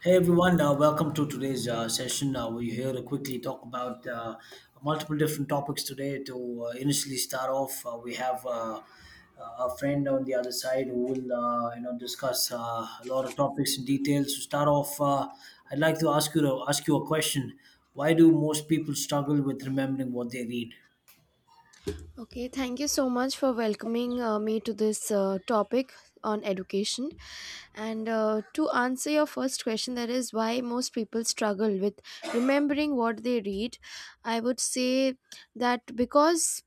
Hey everyone, welcome to today's session. We're here to quickly talk about multiple different topics today. To initially start off, we have a friend on the other side who will, you know, discuss a lot of topics in detail. To start off, I'd like to ask you a question. Why do most people struggle with remembering what they read? Okay, thank you so much for welcoming me to this topic on education. And To answer your first question, that is why most people struggle with remembering what they read, I would say that because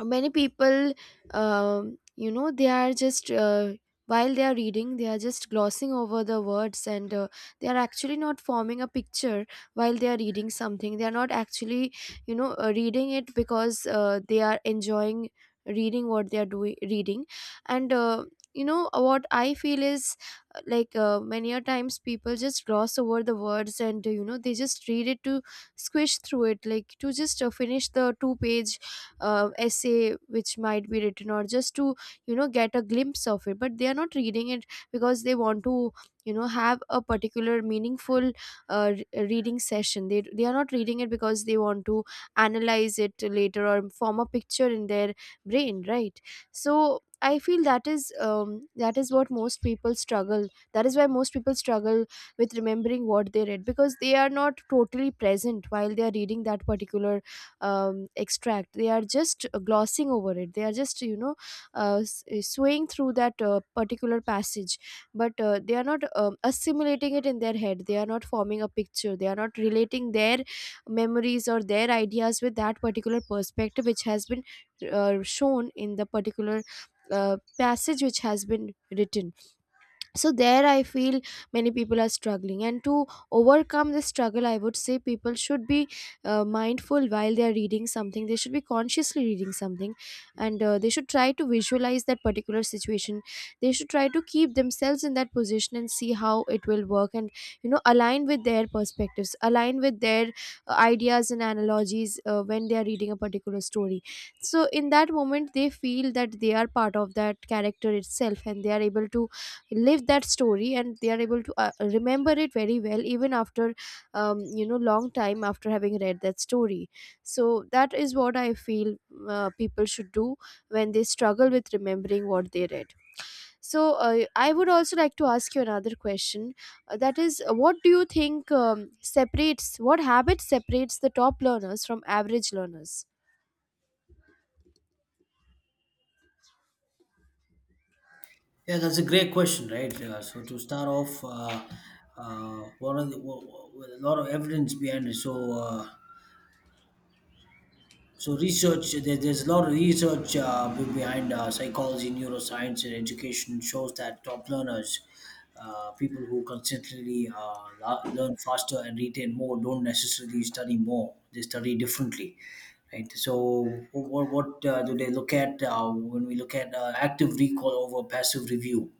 many people you know they are just while they are reading they are just glossing over the words, and they are actually not forming a picture while they are reading something. They are not actually reading it because they are enjoying reading what they are doing reading. And what I feel is, many a times people just gloss over the words, and you know they just read it to squish through it, like to just finish the two page essay which might be written, or just to, you know, get a glimpse of it. But they are not reading it because they want to, you know, have a particular meaningful reading session. They are not reading it because they want to analyze it later or form a picture in their brain, right? So I feel that is, that is what most people struggle, that is why most people struggle with remembering what they read, because they are not totally present while they are reading that particular extract. They are just glossing over it, they are just, you know, swaying through that particular passage, but they are not assimilating it in their head. They are not forming a picture, they are not relating their memories or their ideas with that particular perspective which has been shown in the particular passage which has been written. So there I feel many people are struggling, and to overcome this struggle I would say people should be mindful while they are reading something. They should be consciously reading something, and they should try to visualize that particular situation. They should try to keep themselves in that position and see how it will work, and you know, align with their perspectives, align with their ideas and analogies when they are reading a particular story. So in that moment they feel that they are part of that character itself, and they are able to live that story, and they are able to remember it very well even after, you know, long time after having read that story. So that is what I feel people should do when they struggle with remembering what they read. So I would also like to ask you another question. That is, what do you think, separates, what habit separates the top learners from average learners? Yeah, that's a great question, right? So to start off, one of the, w- w- a lot of evidence behind it. So research, there's a lot of research behind psychology, neuroscience, and education shows that top learners, people who consistently learn faster and retain more, don't necessarily study more. They study differently, right? So what do they look at when we look at active recall over passive review?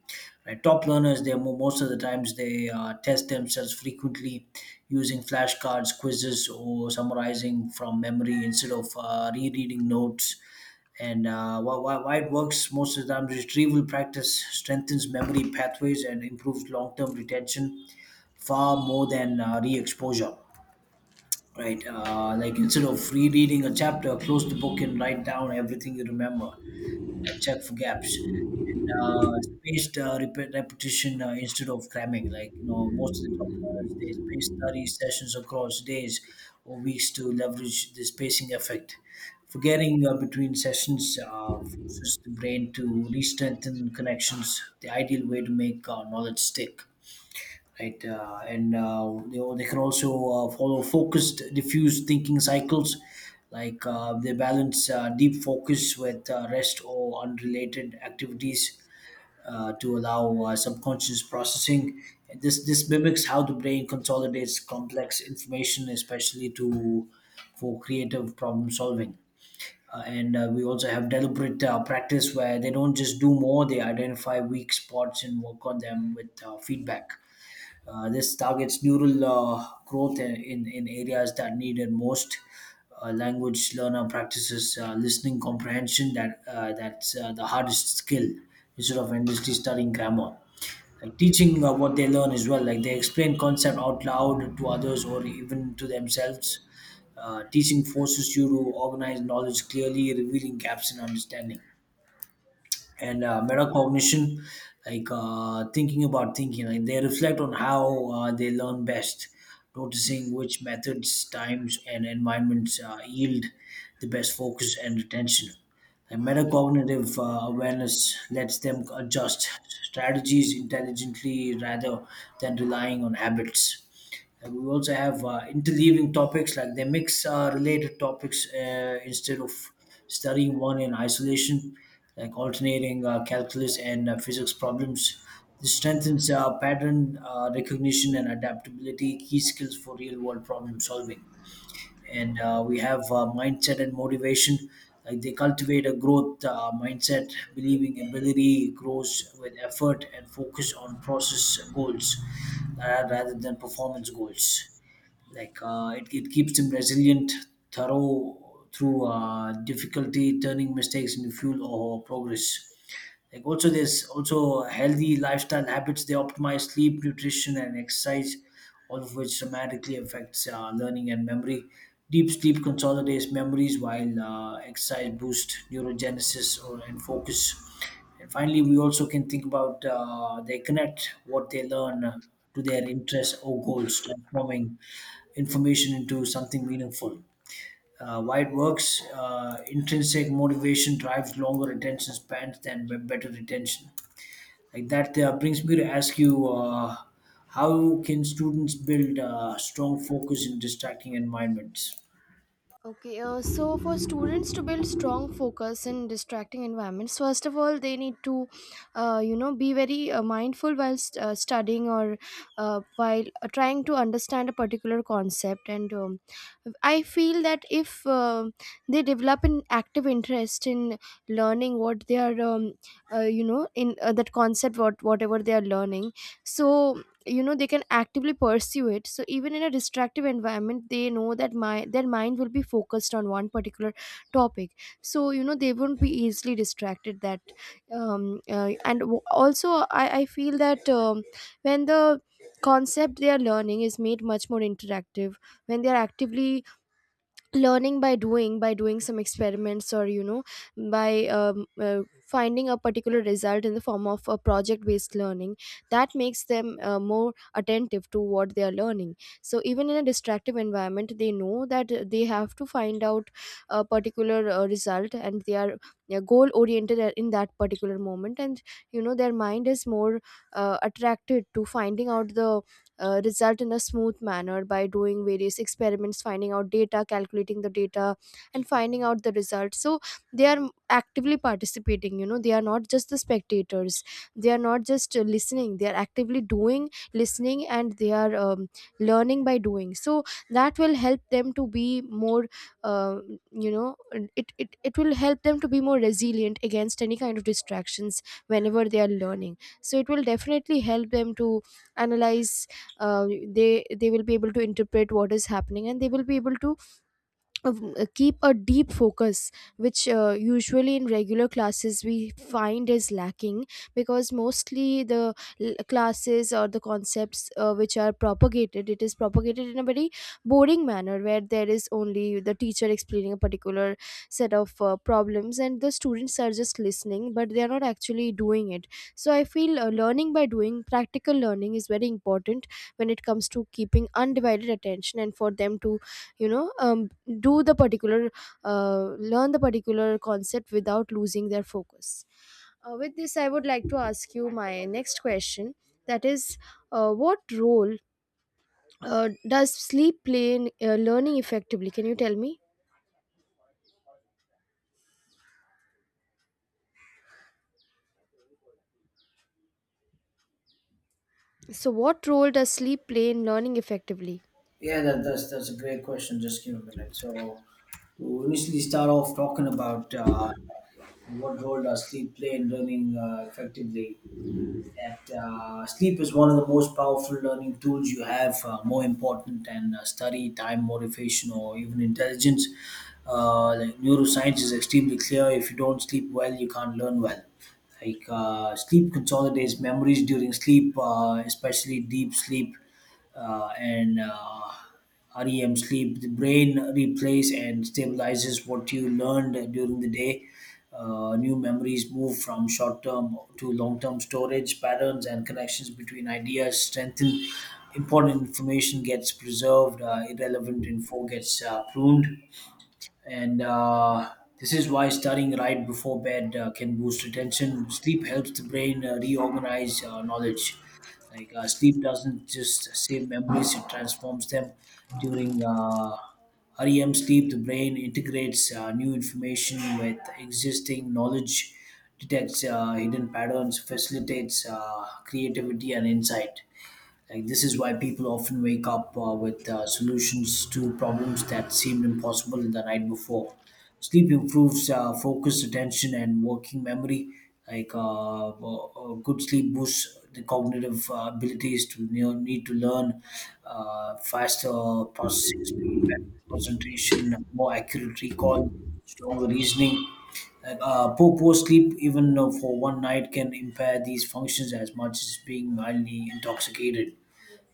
Right? Top learners, most of the times they test themselves frequently using flashcards, quizzes, or summarizing from memory instead of rereading notes. And why it works most of the time, retrieval practice strengthens memory pathways and improves long-term retention far more than re-exposure, right? Like instead of rereading a chapter, close the book and write down everything you remember and check for gaps. And spaced repetition instead of cramming. Like you know, most of the doctors they space study sessions across days or weeks to leverage the spacing effect. Forgetting between sessions forces the brain to re-strengthen connections. The ideal way to make knowledge stick, right? And they can also follow focused, diffuse thinking cycles, like they balance deep focus with rest or unrelated activities to allow subconscious processing. And this mimics how the brain consolidates complex information, especially to for creative problem solving. And we also have deliberate practice where they don't just do more; they identify weak spots and work on them with feedback. This targets neural growth in areas that need it most. Language learner practices listening comprehension that's the hardest skill instead of endlessly studying grammar. Like teaching what they learn as well. Like they explain concept out loud to others or even to themselves. Teaching forces you to organize knowledge clearly, revealing gaps in understanding, and metacognition, like thinking about thinking. Like they reflect on how they learn best, noticing which methods, times, and environments yield the best focus and attention. The metacognitive awareness lets them adjust strategies intelligently rather than relying on habits. And we also have interleaving topics, like they mix related topics instead of studying one in isolation, like alternating calculus and physics problems. This strengthens pattern recognition and adaptability, key skills for real world problem solving. And we have mindset and motivation, like they cultivate a growth mindset, believing ability grows with effort and focus on process goals rather than performance goals. Like it keeps them resilient thorough through difficulty, turning mistakes into fuel or progress. Like also there's also healthy lifestyle habits. They optimize sleep, nutrition, and exercise, all of which dramatically affects learning and memory. Deep sleep consolidates memories, while exercise boosts neurogenesis or, and focus. And finally, we also can think about they connect what they learn to their interests or goals, transforming information into something meaningful. Why it works? Intrinsic motivation drives longer attention spans than better retention. Like that brings me to ask you, how can students build strong focus in distracting environments? Okay, so for students to build strong focus in distracting environments, first of all, they need to, be very mindful while studying, or while trying to understand a particular concept. And I feel that if they develop an active interest in learning what they are, you know, in that concept, what whatever they are learning, so you know they can actively pursue it. So even in a distractive environment they know that my, their mind will be focused on one particular topic, so you know they won't be easily distracted that, and also I feel that, when the concept they are learning is made much more interactive, when they are actively learning by doing, by doing some experiments, or you know, by finding a particular result in the form of a project based learning, that makes them more attentive to what they are learning. So even in a distractive environment they know that they have to find out a particular result, and they are goal oriented in that particular moment, and you know their mind is more attracted to finding out the result in a smooth manner, by doing various experiments, finding out data, calculating the data, and finding out the results. So they are actively participating, you know, they are not just the spectators, they are not just listening, they are actively doing, listening, and they are learning by doing. So that will help them to be more uh, you know it will help them to be more resilient against any kind of distractions whenever they are learning. So it will definitely help them to analyze, uh, they will be able to interpret what is happening, and they will be able to keep a deep focus, which usually in regular classes we find is lacking, because mostly the classes, or the concepts which are propagated, it is propagated in a very boring manner, where there is only the teacher explaining a particular set of problems, and the students are just listening but they are not actually doing it. So I feel learning by doing, practical learning, is very important when it comes to keeping undivided attention, and for them to, you know, do the particular, uh, learn the particular concept without losing their focus. With this I would like to ask you my next question, that is, what role uh, does sleep play in learning effectively, can you tell me, so what role does sleep play in learning effectively? Yeah, that's a great question. Just give me a minute. So, we initially start off talking about what role does sleep play in learning effectively? That Sleep is one of the most powerful learning tools you have, more important than study, time, motivation, or even intelligence. Like neuroscience is extremely clear. If you don't sleep well, you can't learn well. Like sleep consolidates memories during sleep, especially deep sleep and REM sleep. The brain replays and stabilizes what you learned during the day. New memories move from short term to long term storage. Patterns and connections between ideas strengthen. Important information gets preserved, irrelevant info gets pruned. And this is why studying right before bed can boost attention. Sleep helps the brain reorganize knowledge. Like sleep doesn't just save memories; it transforms them. During REM sleep, the brain integrates new information with existing knowledge, detects hidden patterns, facilitates creativity and insight. Like this is why people often wake up with solutions to problems that seemed impossible the night before. Sleep improves focus, attention, and working memory. Like good sleep boosts the cognitive abilities to you know, need to learn faster processing speed, better concentration, more accurate recall, stronger reasoning. Poor sleep, even for one night, can impair these functions as much as being mildly intoxicated.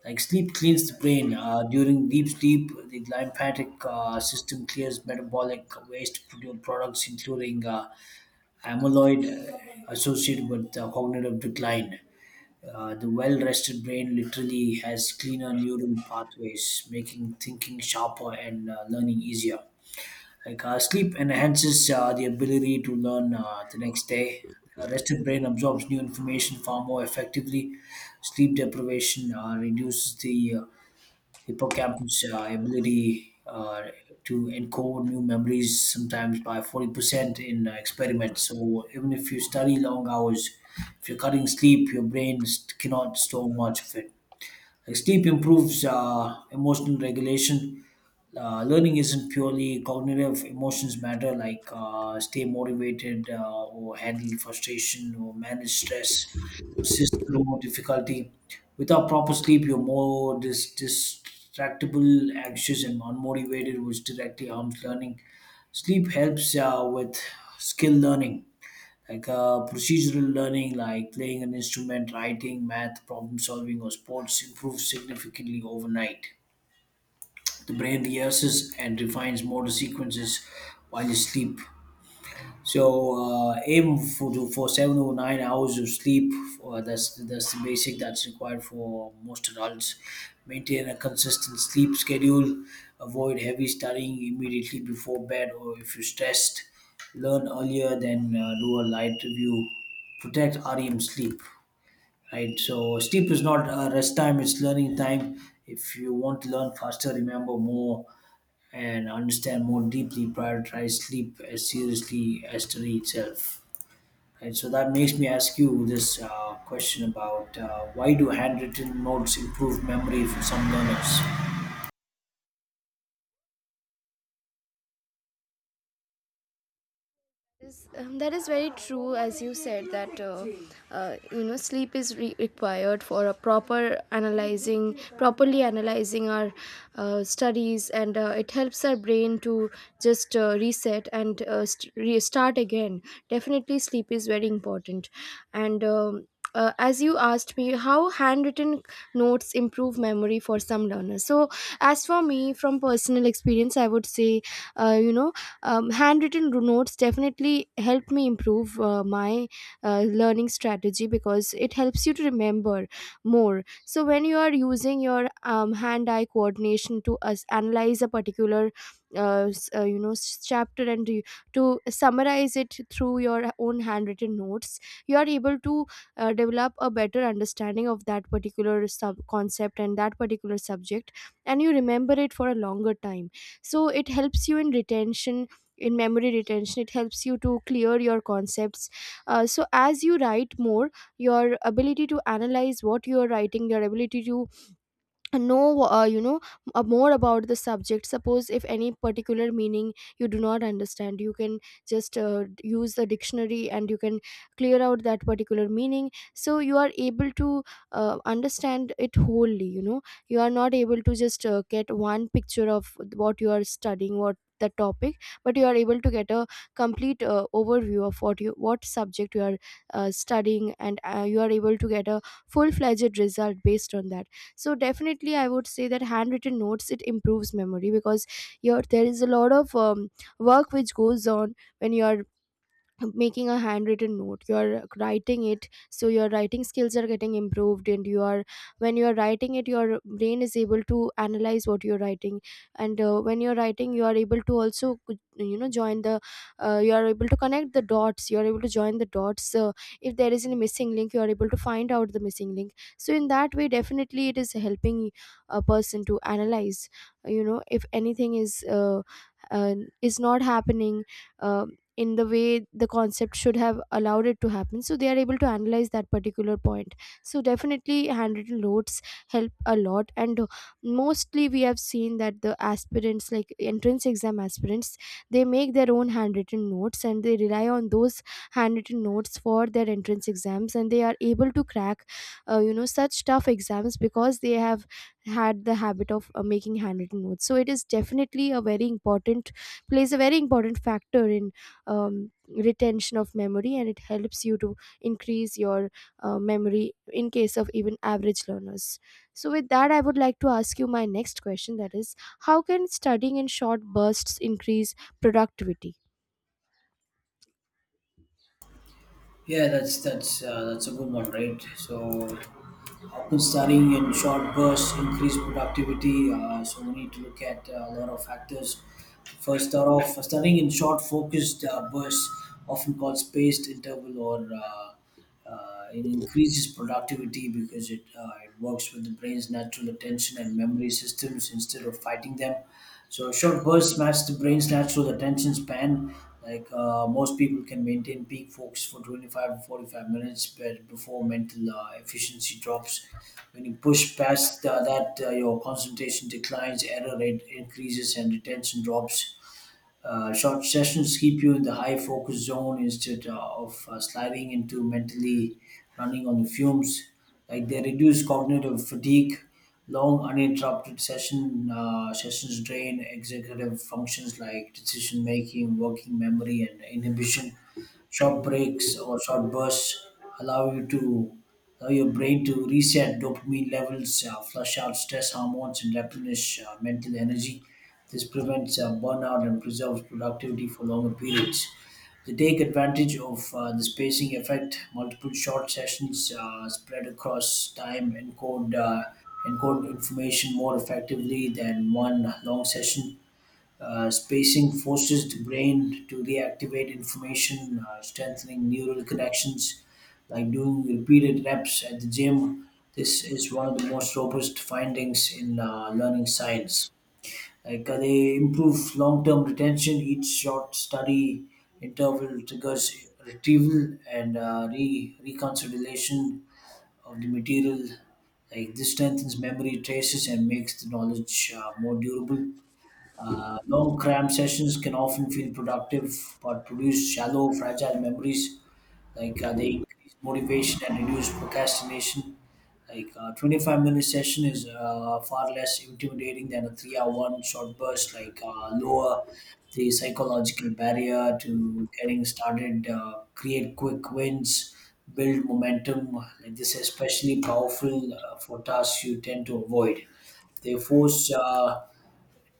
Like sleep cleans the brain. During deep sleep, the lymphatic system clears metabolic waste products, including amyloid associated with cognitive decline. The well rested brain literally has cleaner neural pathways, making thinking sharper and learning easier. Like sleep enhances the ability to learn the next day. A rested brain absorbs new information far more effectively. Sleep deprivation reduces the hippocampus ability to encode new memories sometimes by 40% in experiments. So even if you study long hours, if you're cutting sleep, your brain cannot store much of it. Like sleep improves emotional regulation. Learning isn't purely cognitive. Emotions matter, like stay motivated or handle frustration or manage stress, persist through difficulty. Without proper sleep, you're more distractible, anxious, and unmotivated, which directly harms learning. Sleep helps with skill learning, like procedural learning, like playing an instrument, writing, math problem solving, or sports, improves significantly overnight. The brain rehearses and refines motor sequences while you sleep. So aim for 7 or 9 hours of sleep. That's the basic that's required for most adults. Maintain a consistent sleep schedule. Avoid heavy studying immediately before bed, or if you're stressed, learn earlier than do a light review. Protect REM sleep. Right. So sleep is not rest time; it's learning time. If you want to learn faster, remember more and understand more deeply, prioritize sleep as seriously as study itself. Right, so that makes me ask you this question about why do handwritten notes improve memory for some learners? Yes, that is very true, as you said that, you know, sleep is required for a proper analyzing, properly analyzing our studies, and it helps our brain to just reset and restart again. Definitely, sleep is very important. And. As you asked me how handwritten notes improve memory for some learners, so as for me, from personal experience, I would say, uh, you know handwritten notes definitely help me improve my learning strategy, because it helps you to remember more. So when you are using your hand-eye coordination to us analyze a particular chapter, and to summarize it through your own handwritten notes, you are able to develop a better understanding of that particular sub concept and that particular subject, and you remember it for a longer time. So it helps you in retention, in memory retention, it helps you to clear your concepts. So as you write more, your ability to analyze what you are writing, your ability to know, more about the subject, suppose if any particular meaning you do not understand, you can just use the dictionary, and you can clear out that particular meaning. So you are able to understand it wholely, you know, you are not able to just get one picture of what you are studying, what the topic, but you are able to get a complete overview of what you, what subject you are studying, and you are able to get a full fledged result based on that. So definitely I would say that handwritten notes, it improves memory, because your, there is a lot of work which goes on when you are making a handwritten note. You're writing it, so your writing skills are getting improved, and you are, when you're writing it, your brain is able to analyze what you're writing. And when you're writing you are able to also, you know, join the, you are able to connect the dots, you are able to join the dots. If there is any missing link, you are able to find out the missing link. So in that way definitely it is helping a person to analyze, you know, if anything is, uh, is not happening uh, in the way the concept should have allowed it to happen, so they are able to analyze that particular point. So definitely handwritten notes help a lot. And mostly we have seen that the aspirants, like entrance exam aspirants, they make their own handwritten notes, and they rely on those handwritten notes for their entrance exams, and they are able to crack you know such tough exams, because they have had the habit of making handwritten notes. So it is definitely a very important, plays a very important factor in retention of memory, and it helps you to increase your memory in case of even average learners. So with that I would like to ask you my next question, that is, how can studying in short bursts increase productivity? Yeah, that's a good one, right? So, often studying in short bursts increase productivity. So we need to look at a lot of factors. First, start off studying in short, focused bursts, often called spaced interval, or it increases productivity because it works with the brain's natural attention and memory systems instead of fighting them. So short bursts match the brain's natural attention span. Like most people can maintain peak focus for 25 to 45 minutes, but before mental efficiency drops. When you push past that, your concentration declines, error rate increases, and attention drops. Short sessions keep you in the high focus zone instead of sliding into mentally running on the fumes. Like they reduce cognitive fatigue. Long uninterrupted sessions drain executive functions like decision making, working memory, and inhibition. Short breaks or short bursts allow you to allow your brain to reset dopamine levels, flush out stress hormones, and replenish mental energy. This prevents burnout and preserves productivity for longer periods. They take advantage of the spacing effect. Multiple short sessions spread across time encode information more effectively than one long session. Spacing forces the brain to reactivate information, strengthening neural connections, like doing repeated reps at the gym. This is one of the most robust findings in learning science. Like they improve long-term retention. Each short study interval triggers retrieval and reconciliation of the material. Like this strengthens memory traces and makes the knowledge more durable. Long cram sessions can often feel productive but produce shallow, fragile memories. Like they increase motivation and reduce procrastination. Like a 25-minute session is far less intimidating than a 3 hour one short burst, like lower the psychological barrier to getting started, create quick wins, build momentum. Like this is especially powerful for tasks you tend to avoid. They force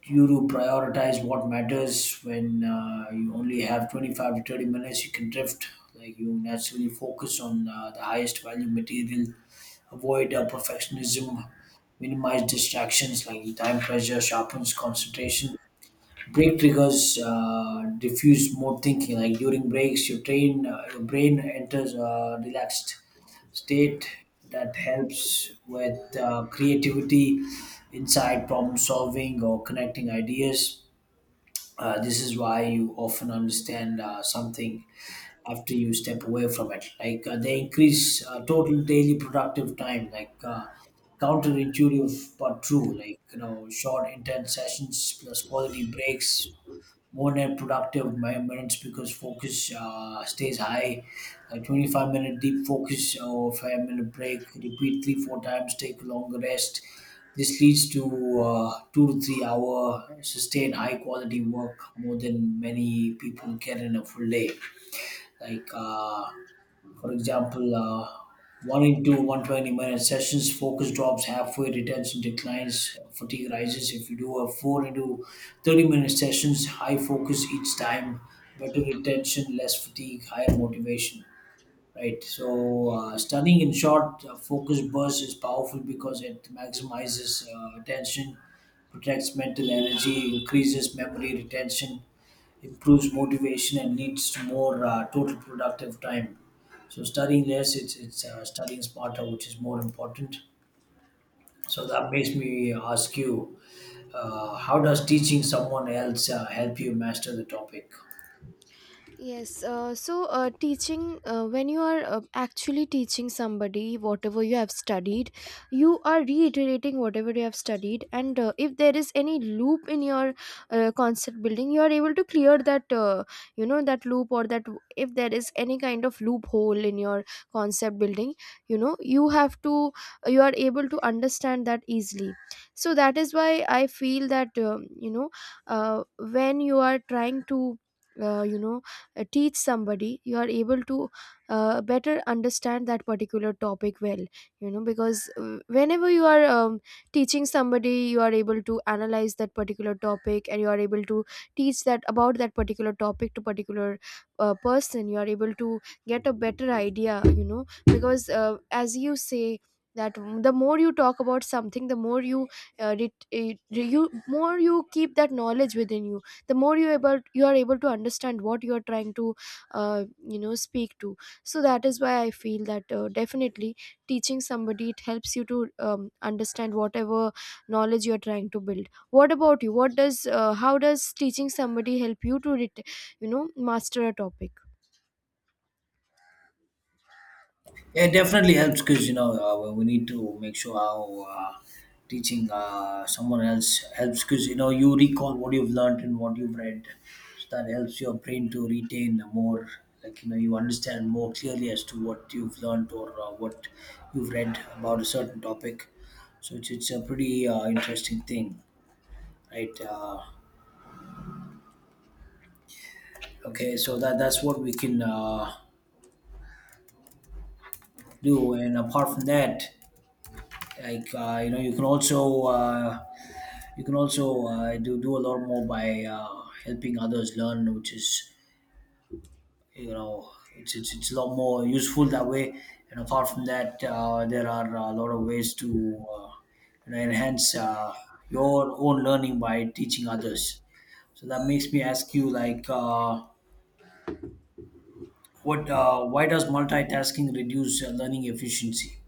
you to prioritize what matters. When you only have 25 to 30 minutes, you can drift, like you naturally focus on the highest value material, avoid perfectionism, minimize distractions. Like, time pressure sharpens concentration. Break triggers diffuse more thinking, like during breaks your brain enters relaxed state that helps with creativity, insight, problem solving, or connecting ideas. This is why you often understand something after you step away from it. Like they increase total daily productive time, like counterintuitive but true. Like, you know, short, intense sessions plus quality breaks more net productive minutes because focus stays high. Like 25-minute deep focus or 5 minute break, repeat three, four times, take a longer rest. This leads to 2 to 3 hour sustained high quality work, more than many people get in a full day. Like, for example, 1 into 120 minute sessions, focus drops halfway, retention declines, fatigue rises. If you do a 4 into 30-minute sessions, high focus each time, better retention, less fatigue, higher motivation. Right. So, stunning in short, focused burst is powerful because it maximizes attention, protects mental energy, increases memory retention, improves motivation, and leads to more total productive time. So, studying less, it's studying smarter, which is more important. So that makes me ask you, how does teaching someone else help you master the topic? Yes, so teaching, when you are actually teaching somebody whatever you have studied, you are reiterating whatever you have studied, and if there is any loop in your concept building, you are able to clear that, you know, that loop, or that w- If there is any kind of loophole in your concept building, you know, you have to, you are able to understand that easily. So that is why I feel that, you know, when you are trying to, you know, teach somebody, you are able to better understand that particular topic well, you know, because whenever you are teaching somebody, you are able to analyze that particular topic, and you are able to teach that, about that particular topic, to particular person. You are able to get a better idea, you know, because as you say that the more you talk about something, the more you you more you keep that knowledge within you, the more you are able to understand what you are trying to you know speak to. So that is why I feel that definitely teaching somebody, it helps you to understand whatever knowledge you are trying to build. What about you? What does, how does teaching somebody help you to you know master a topic? Yeah, it definitely helps, because you know we need to make sure how teaching someone else helps, because you know you recall what you've learned and what you've read, so that helps your brain to retain more. Like, you know, you understand more clearly as to what you've learned or what you've read about a certain topic. So it's a pretty interesting thing, right? Okay, so that's what we can do. And apart from that, like you know, you can also. You can also do a lot more by helping others learn, which is, you know, it's a lot more useful that way. And apart from that, there are a lot of ways to uh, you know enhance your own learning by teaching others. So that makes me ask you, like, what why does multitasking reduce learning efficiency?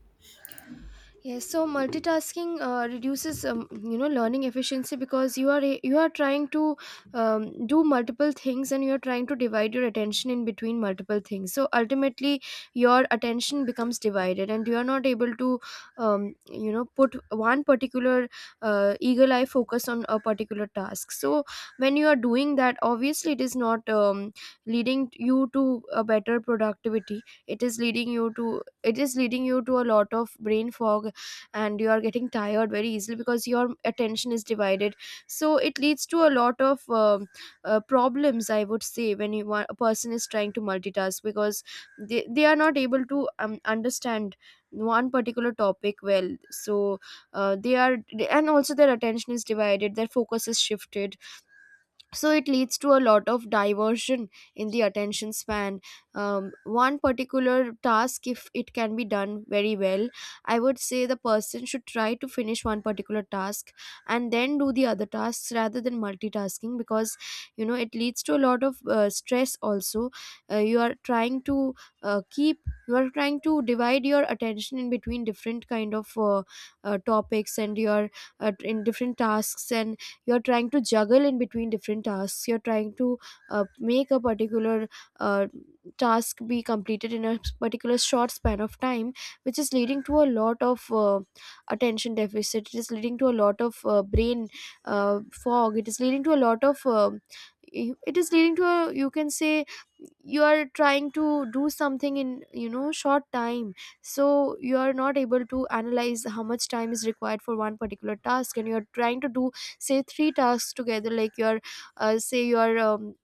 Yes, so multitasking reduces, you know, learning efficiency because you are trying to do multiple things, and you are trying to divide your attention in between multiple things. So ultimately, your attention becomes divided, and you are not able to, you know, put one particular eagle eye focus on a particular task. So when you are doing that, obviously, it is not leading you to a better productivity. It is leading you to, a lot of brain fog, and you are getting tired very easily because your attention is divided. So it leads to a lot of problems, I would say, when you want, a person is trying to multitask, because they are not able to understand one particular topic well. So they are and also, their attention is divided, their focus is shifted, so it leads to a lot of diversion in the attention span. One particular task, if it can be done very well, I would say the person should try to finish one particular task and then do the other tasks, rather than multitasking, because, you know, it leads to a lot of stress also. uh, you are trying to uh, keep you are trying to divide your attention in between different kind of topics, and your in different tasks, and you're trying to juggle in between different tasks. You're trying to make a particular uh, task be completed in a particular short span of time, which is leading to a lot of attention deficit. It is leading to a lot of brain fog. It is leading to a lot of it is leading to, a, you can say, you are trying to do something in, you know, short time. So you are not able to analyze how much time is required for one particular task, and you are trying to do, say, three tasks together, like your say your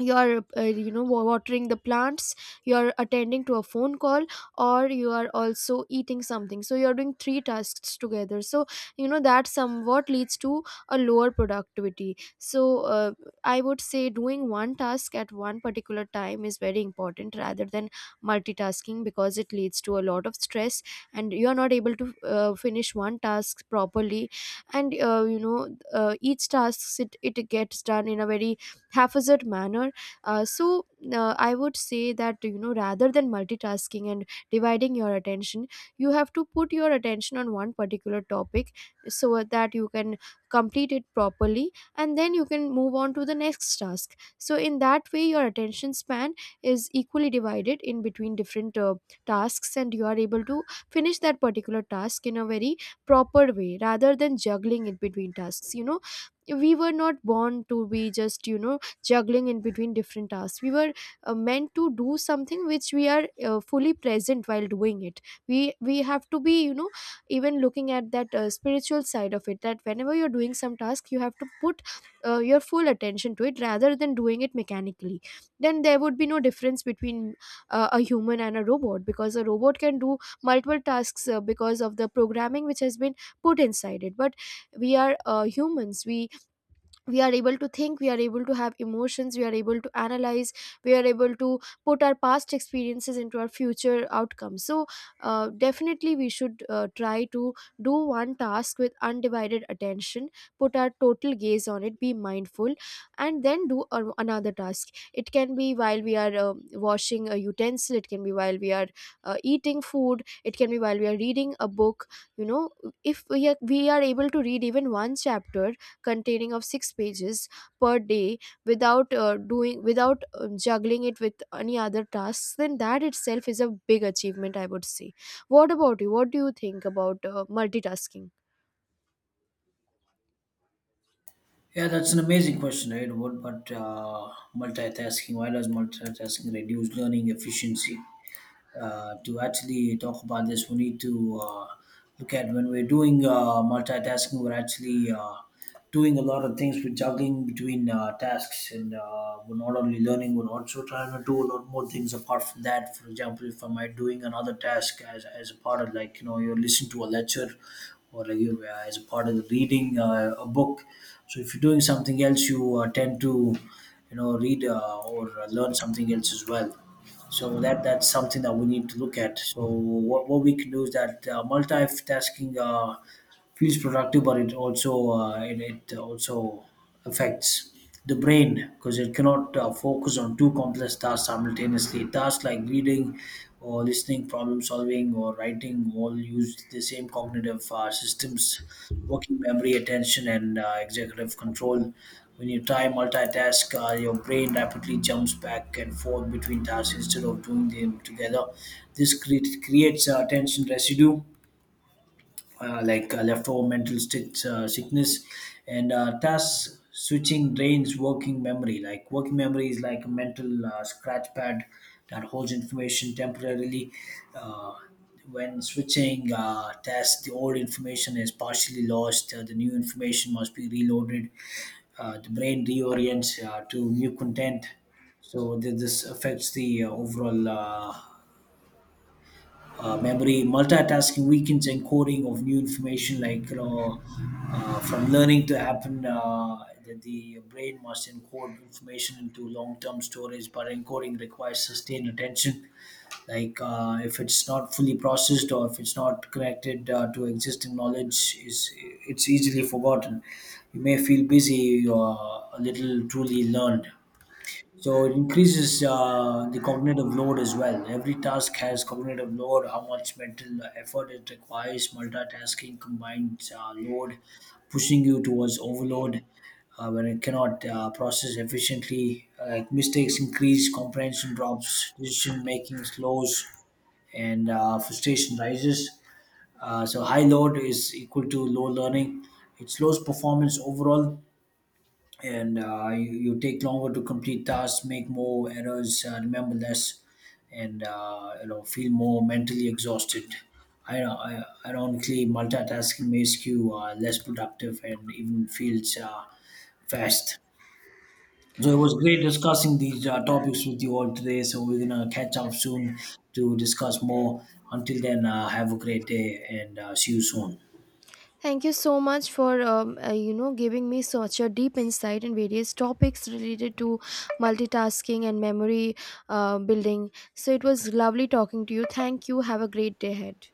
you are you know watering the plants, you are attending to a phone call, or you are also eating something. So you are doing three tasks together, so, you know, that somewhat leads to a lower productivity. So I would say doing one task at one particular time is very important, rather than multitasking, because it leads to a lot of stress, and you are not able to finish one task properly. And you know each task, it gets done in a very haphazard manner. uh, so I would say that, you know, rather than multitasking and dividing your attention, you have to put your attention on one particular topic so that you can complete it properly, and then you can move on to the next task. So in that way, your attention span is equally divided in between different tasks, and you are able to finish that particular task in a very proper way, rather than juggling it between tasks. You know, we were not born to be just, you know, juggling in between different tasks. We were meant to do something which we are fully present while doing it. We we have to be, you know, even looking at that spiritual side of it, that whenever you're doing some task, you have to put your full attention to it, rather than doing it mechanically. Then there would be no difference between a human and a robot, because a robot can do multiple tasks because of the programming which has been put inside it. But we are humans. We are able to think, we are able to have emotions, we are able to analyze, we are able to put our past experiences into our future outcomes. So definitely we should try to do one task with undivided attention, put our total gaze on it, be mindful, and then do another task. It can be while we are washing a utensil, it can be while we are eating food, it can be while we are reading a book. You know, if we are able to read even one chapter containing of 6 pages per day without doing without juggling it with any other tasks, then that itself is a big achievement, I would say. What about you? What do you think about multitasking? Yeah, that's an amazing question, right? What, but multitasking, why does multitasking reduce learning efficiency? To actually talk about this, we need to look at, when we're doing multitasking, we're actually doing a lot of things. We're juggling between tasks, and we're not only learning, we're also trying to do a lot more things apart from that. For example, if I am I doing another task as, a part of, like, you know, you're listening to a lecture, or like you, as a part of the reading a book. So if you're doing something else, you tend to, you know, read or learn something else as well. So that's something that we need to look at. So what we can do is that multitasking feels productive, but it also it also affects the brain because it cannot focus on two complex tasks simultaneously. Tasks like reading or listening, problem solving, or writing all use the same cognitive systems, working memory, attention, and executive control. When you try multitask, your brain rapidly jumps back and forth between tasks instead of doing them together. This creates tension residue, like leftover mental stitch, sickness. And task switching drains working memory, like working memory is like a mental scratch pad that holds information temporarily. uh, when switching tasks, the old information is partially lost, the new information must be reloaded, the brain reorients to new content. So this affects the overall memory. Multitasking weakens encoding of new information, like, you know, from learning to happen, the brain must encode information into long-term storage, but encoding requires sustained attention. Like, if it's not fully processed or if it's not connected to existing knowledge, is it's easily forgotten. You may feel busy or a little truly learned. So it increases the cognitive load as well. Every task has cognitive load, how much mental effort it requires. Multitasking, combined load, pushing you towards overload when it cannot process efficiently. Like, mistakes increase, comprehension drops, decision making slows, and frustration rises. So high load is equal to low learning. It slows performance overall, and you take longer to complete tasks, make more errors, remember less, and you know feel more mentally exhausted. Ironically, multitasking makes you less productive and even feels fast. So it was great discussing these topics with you all today. So we're gonna catch up soon to discuss more. Until then, have a great day, and see you soon. Thank you so much for you know giving me such a deep insight in various topics related to multitasking and memory building. So it was lovely talking to you. Thank you, have a great day ahead.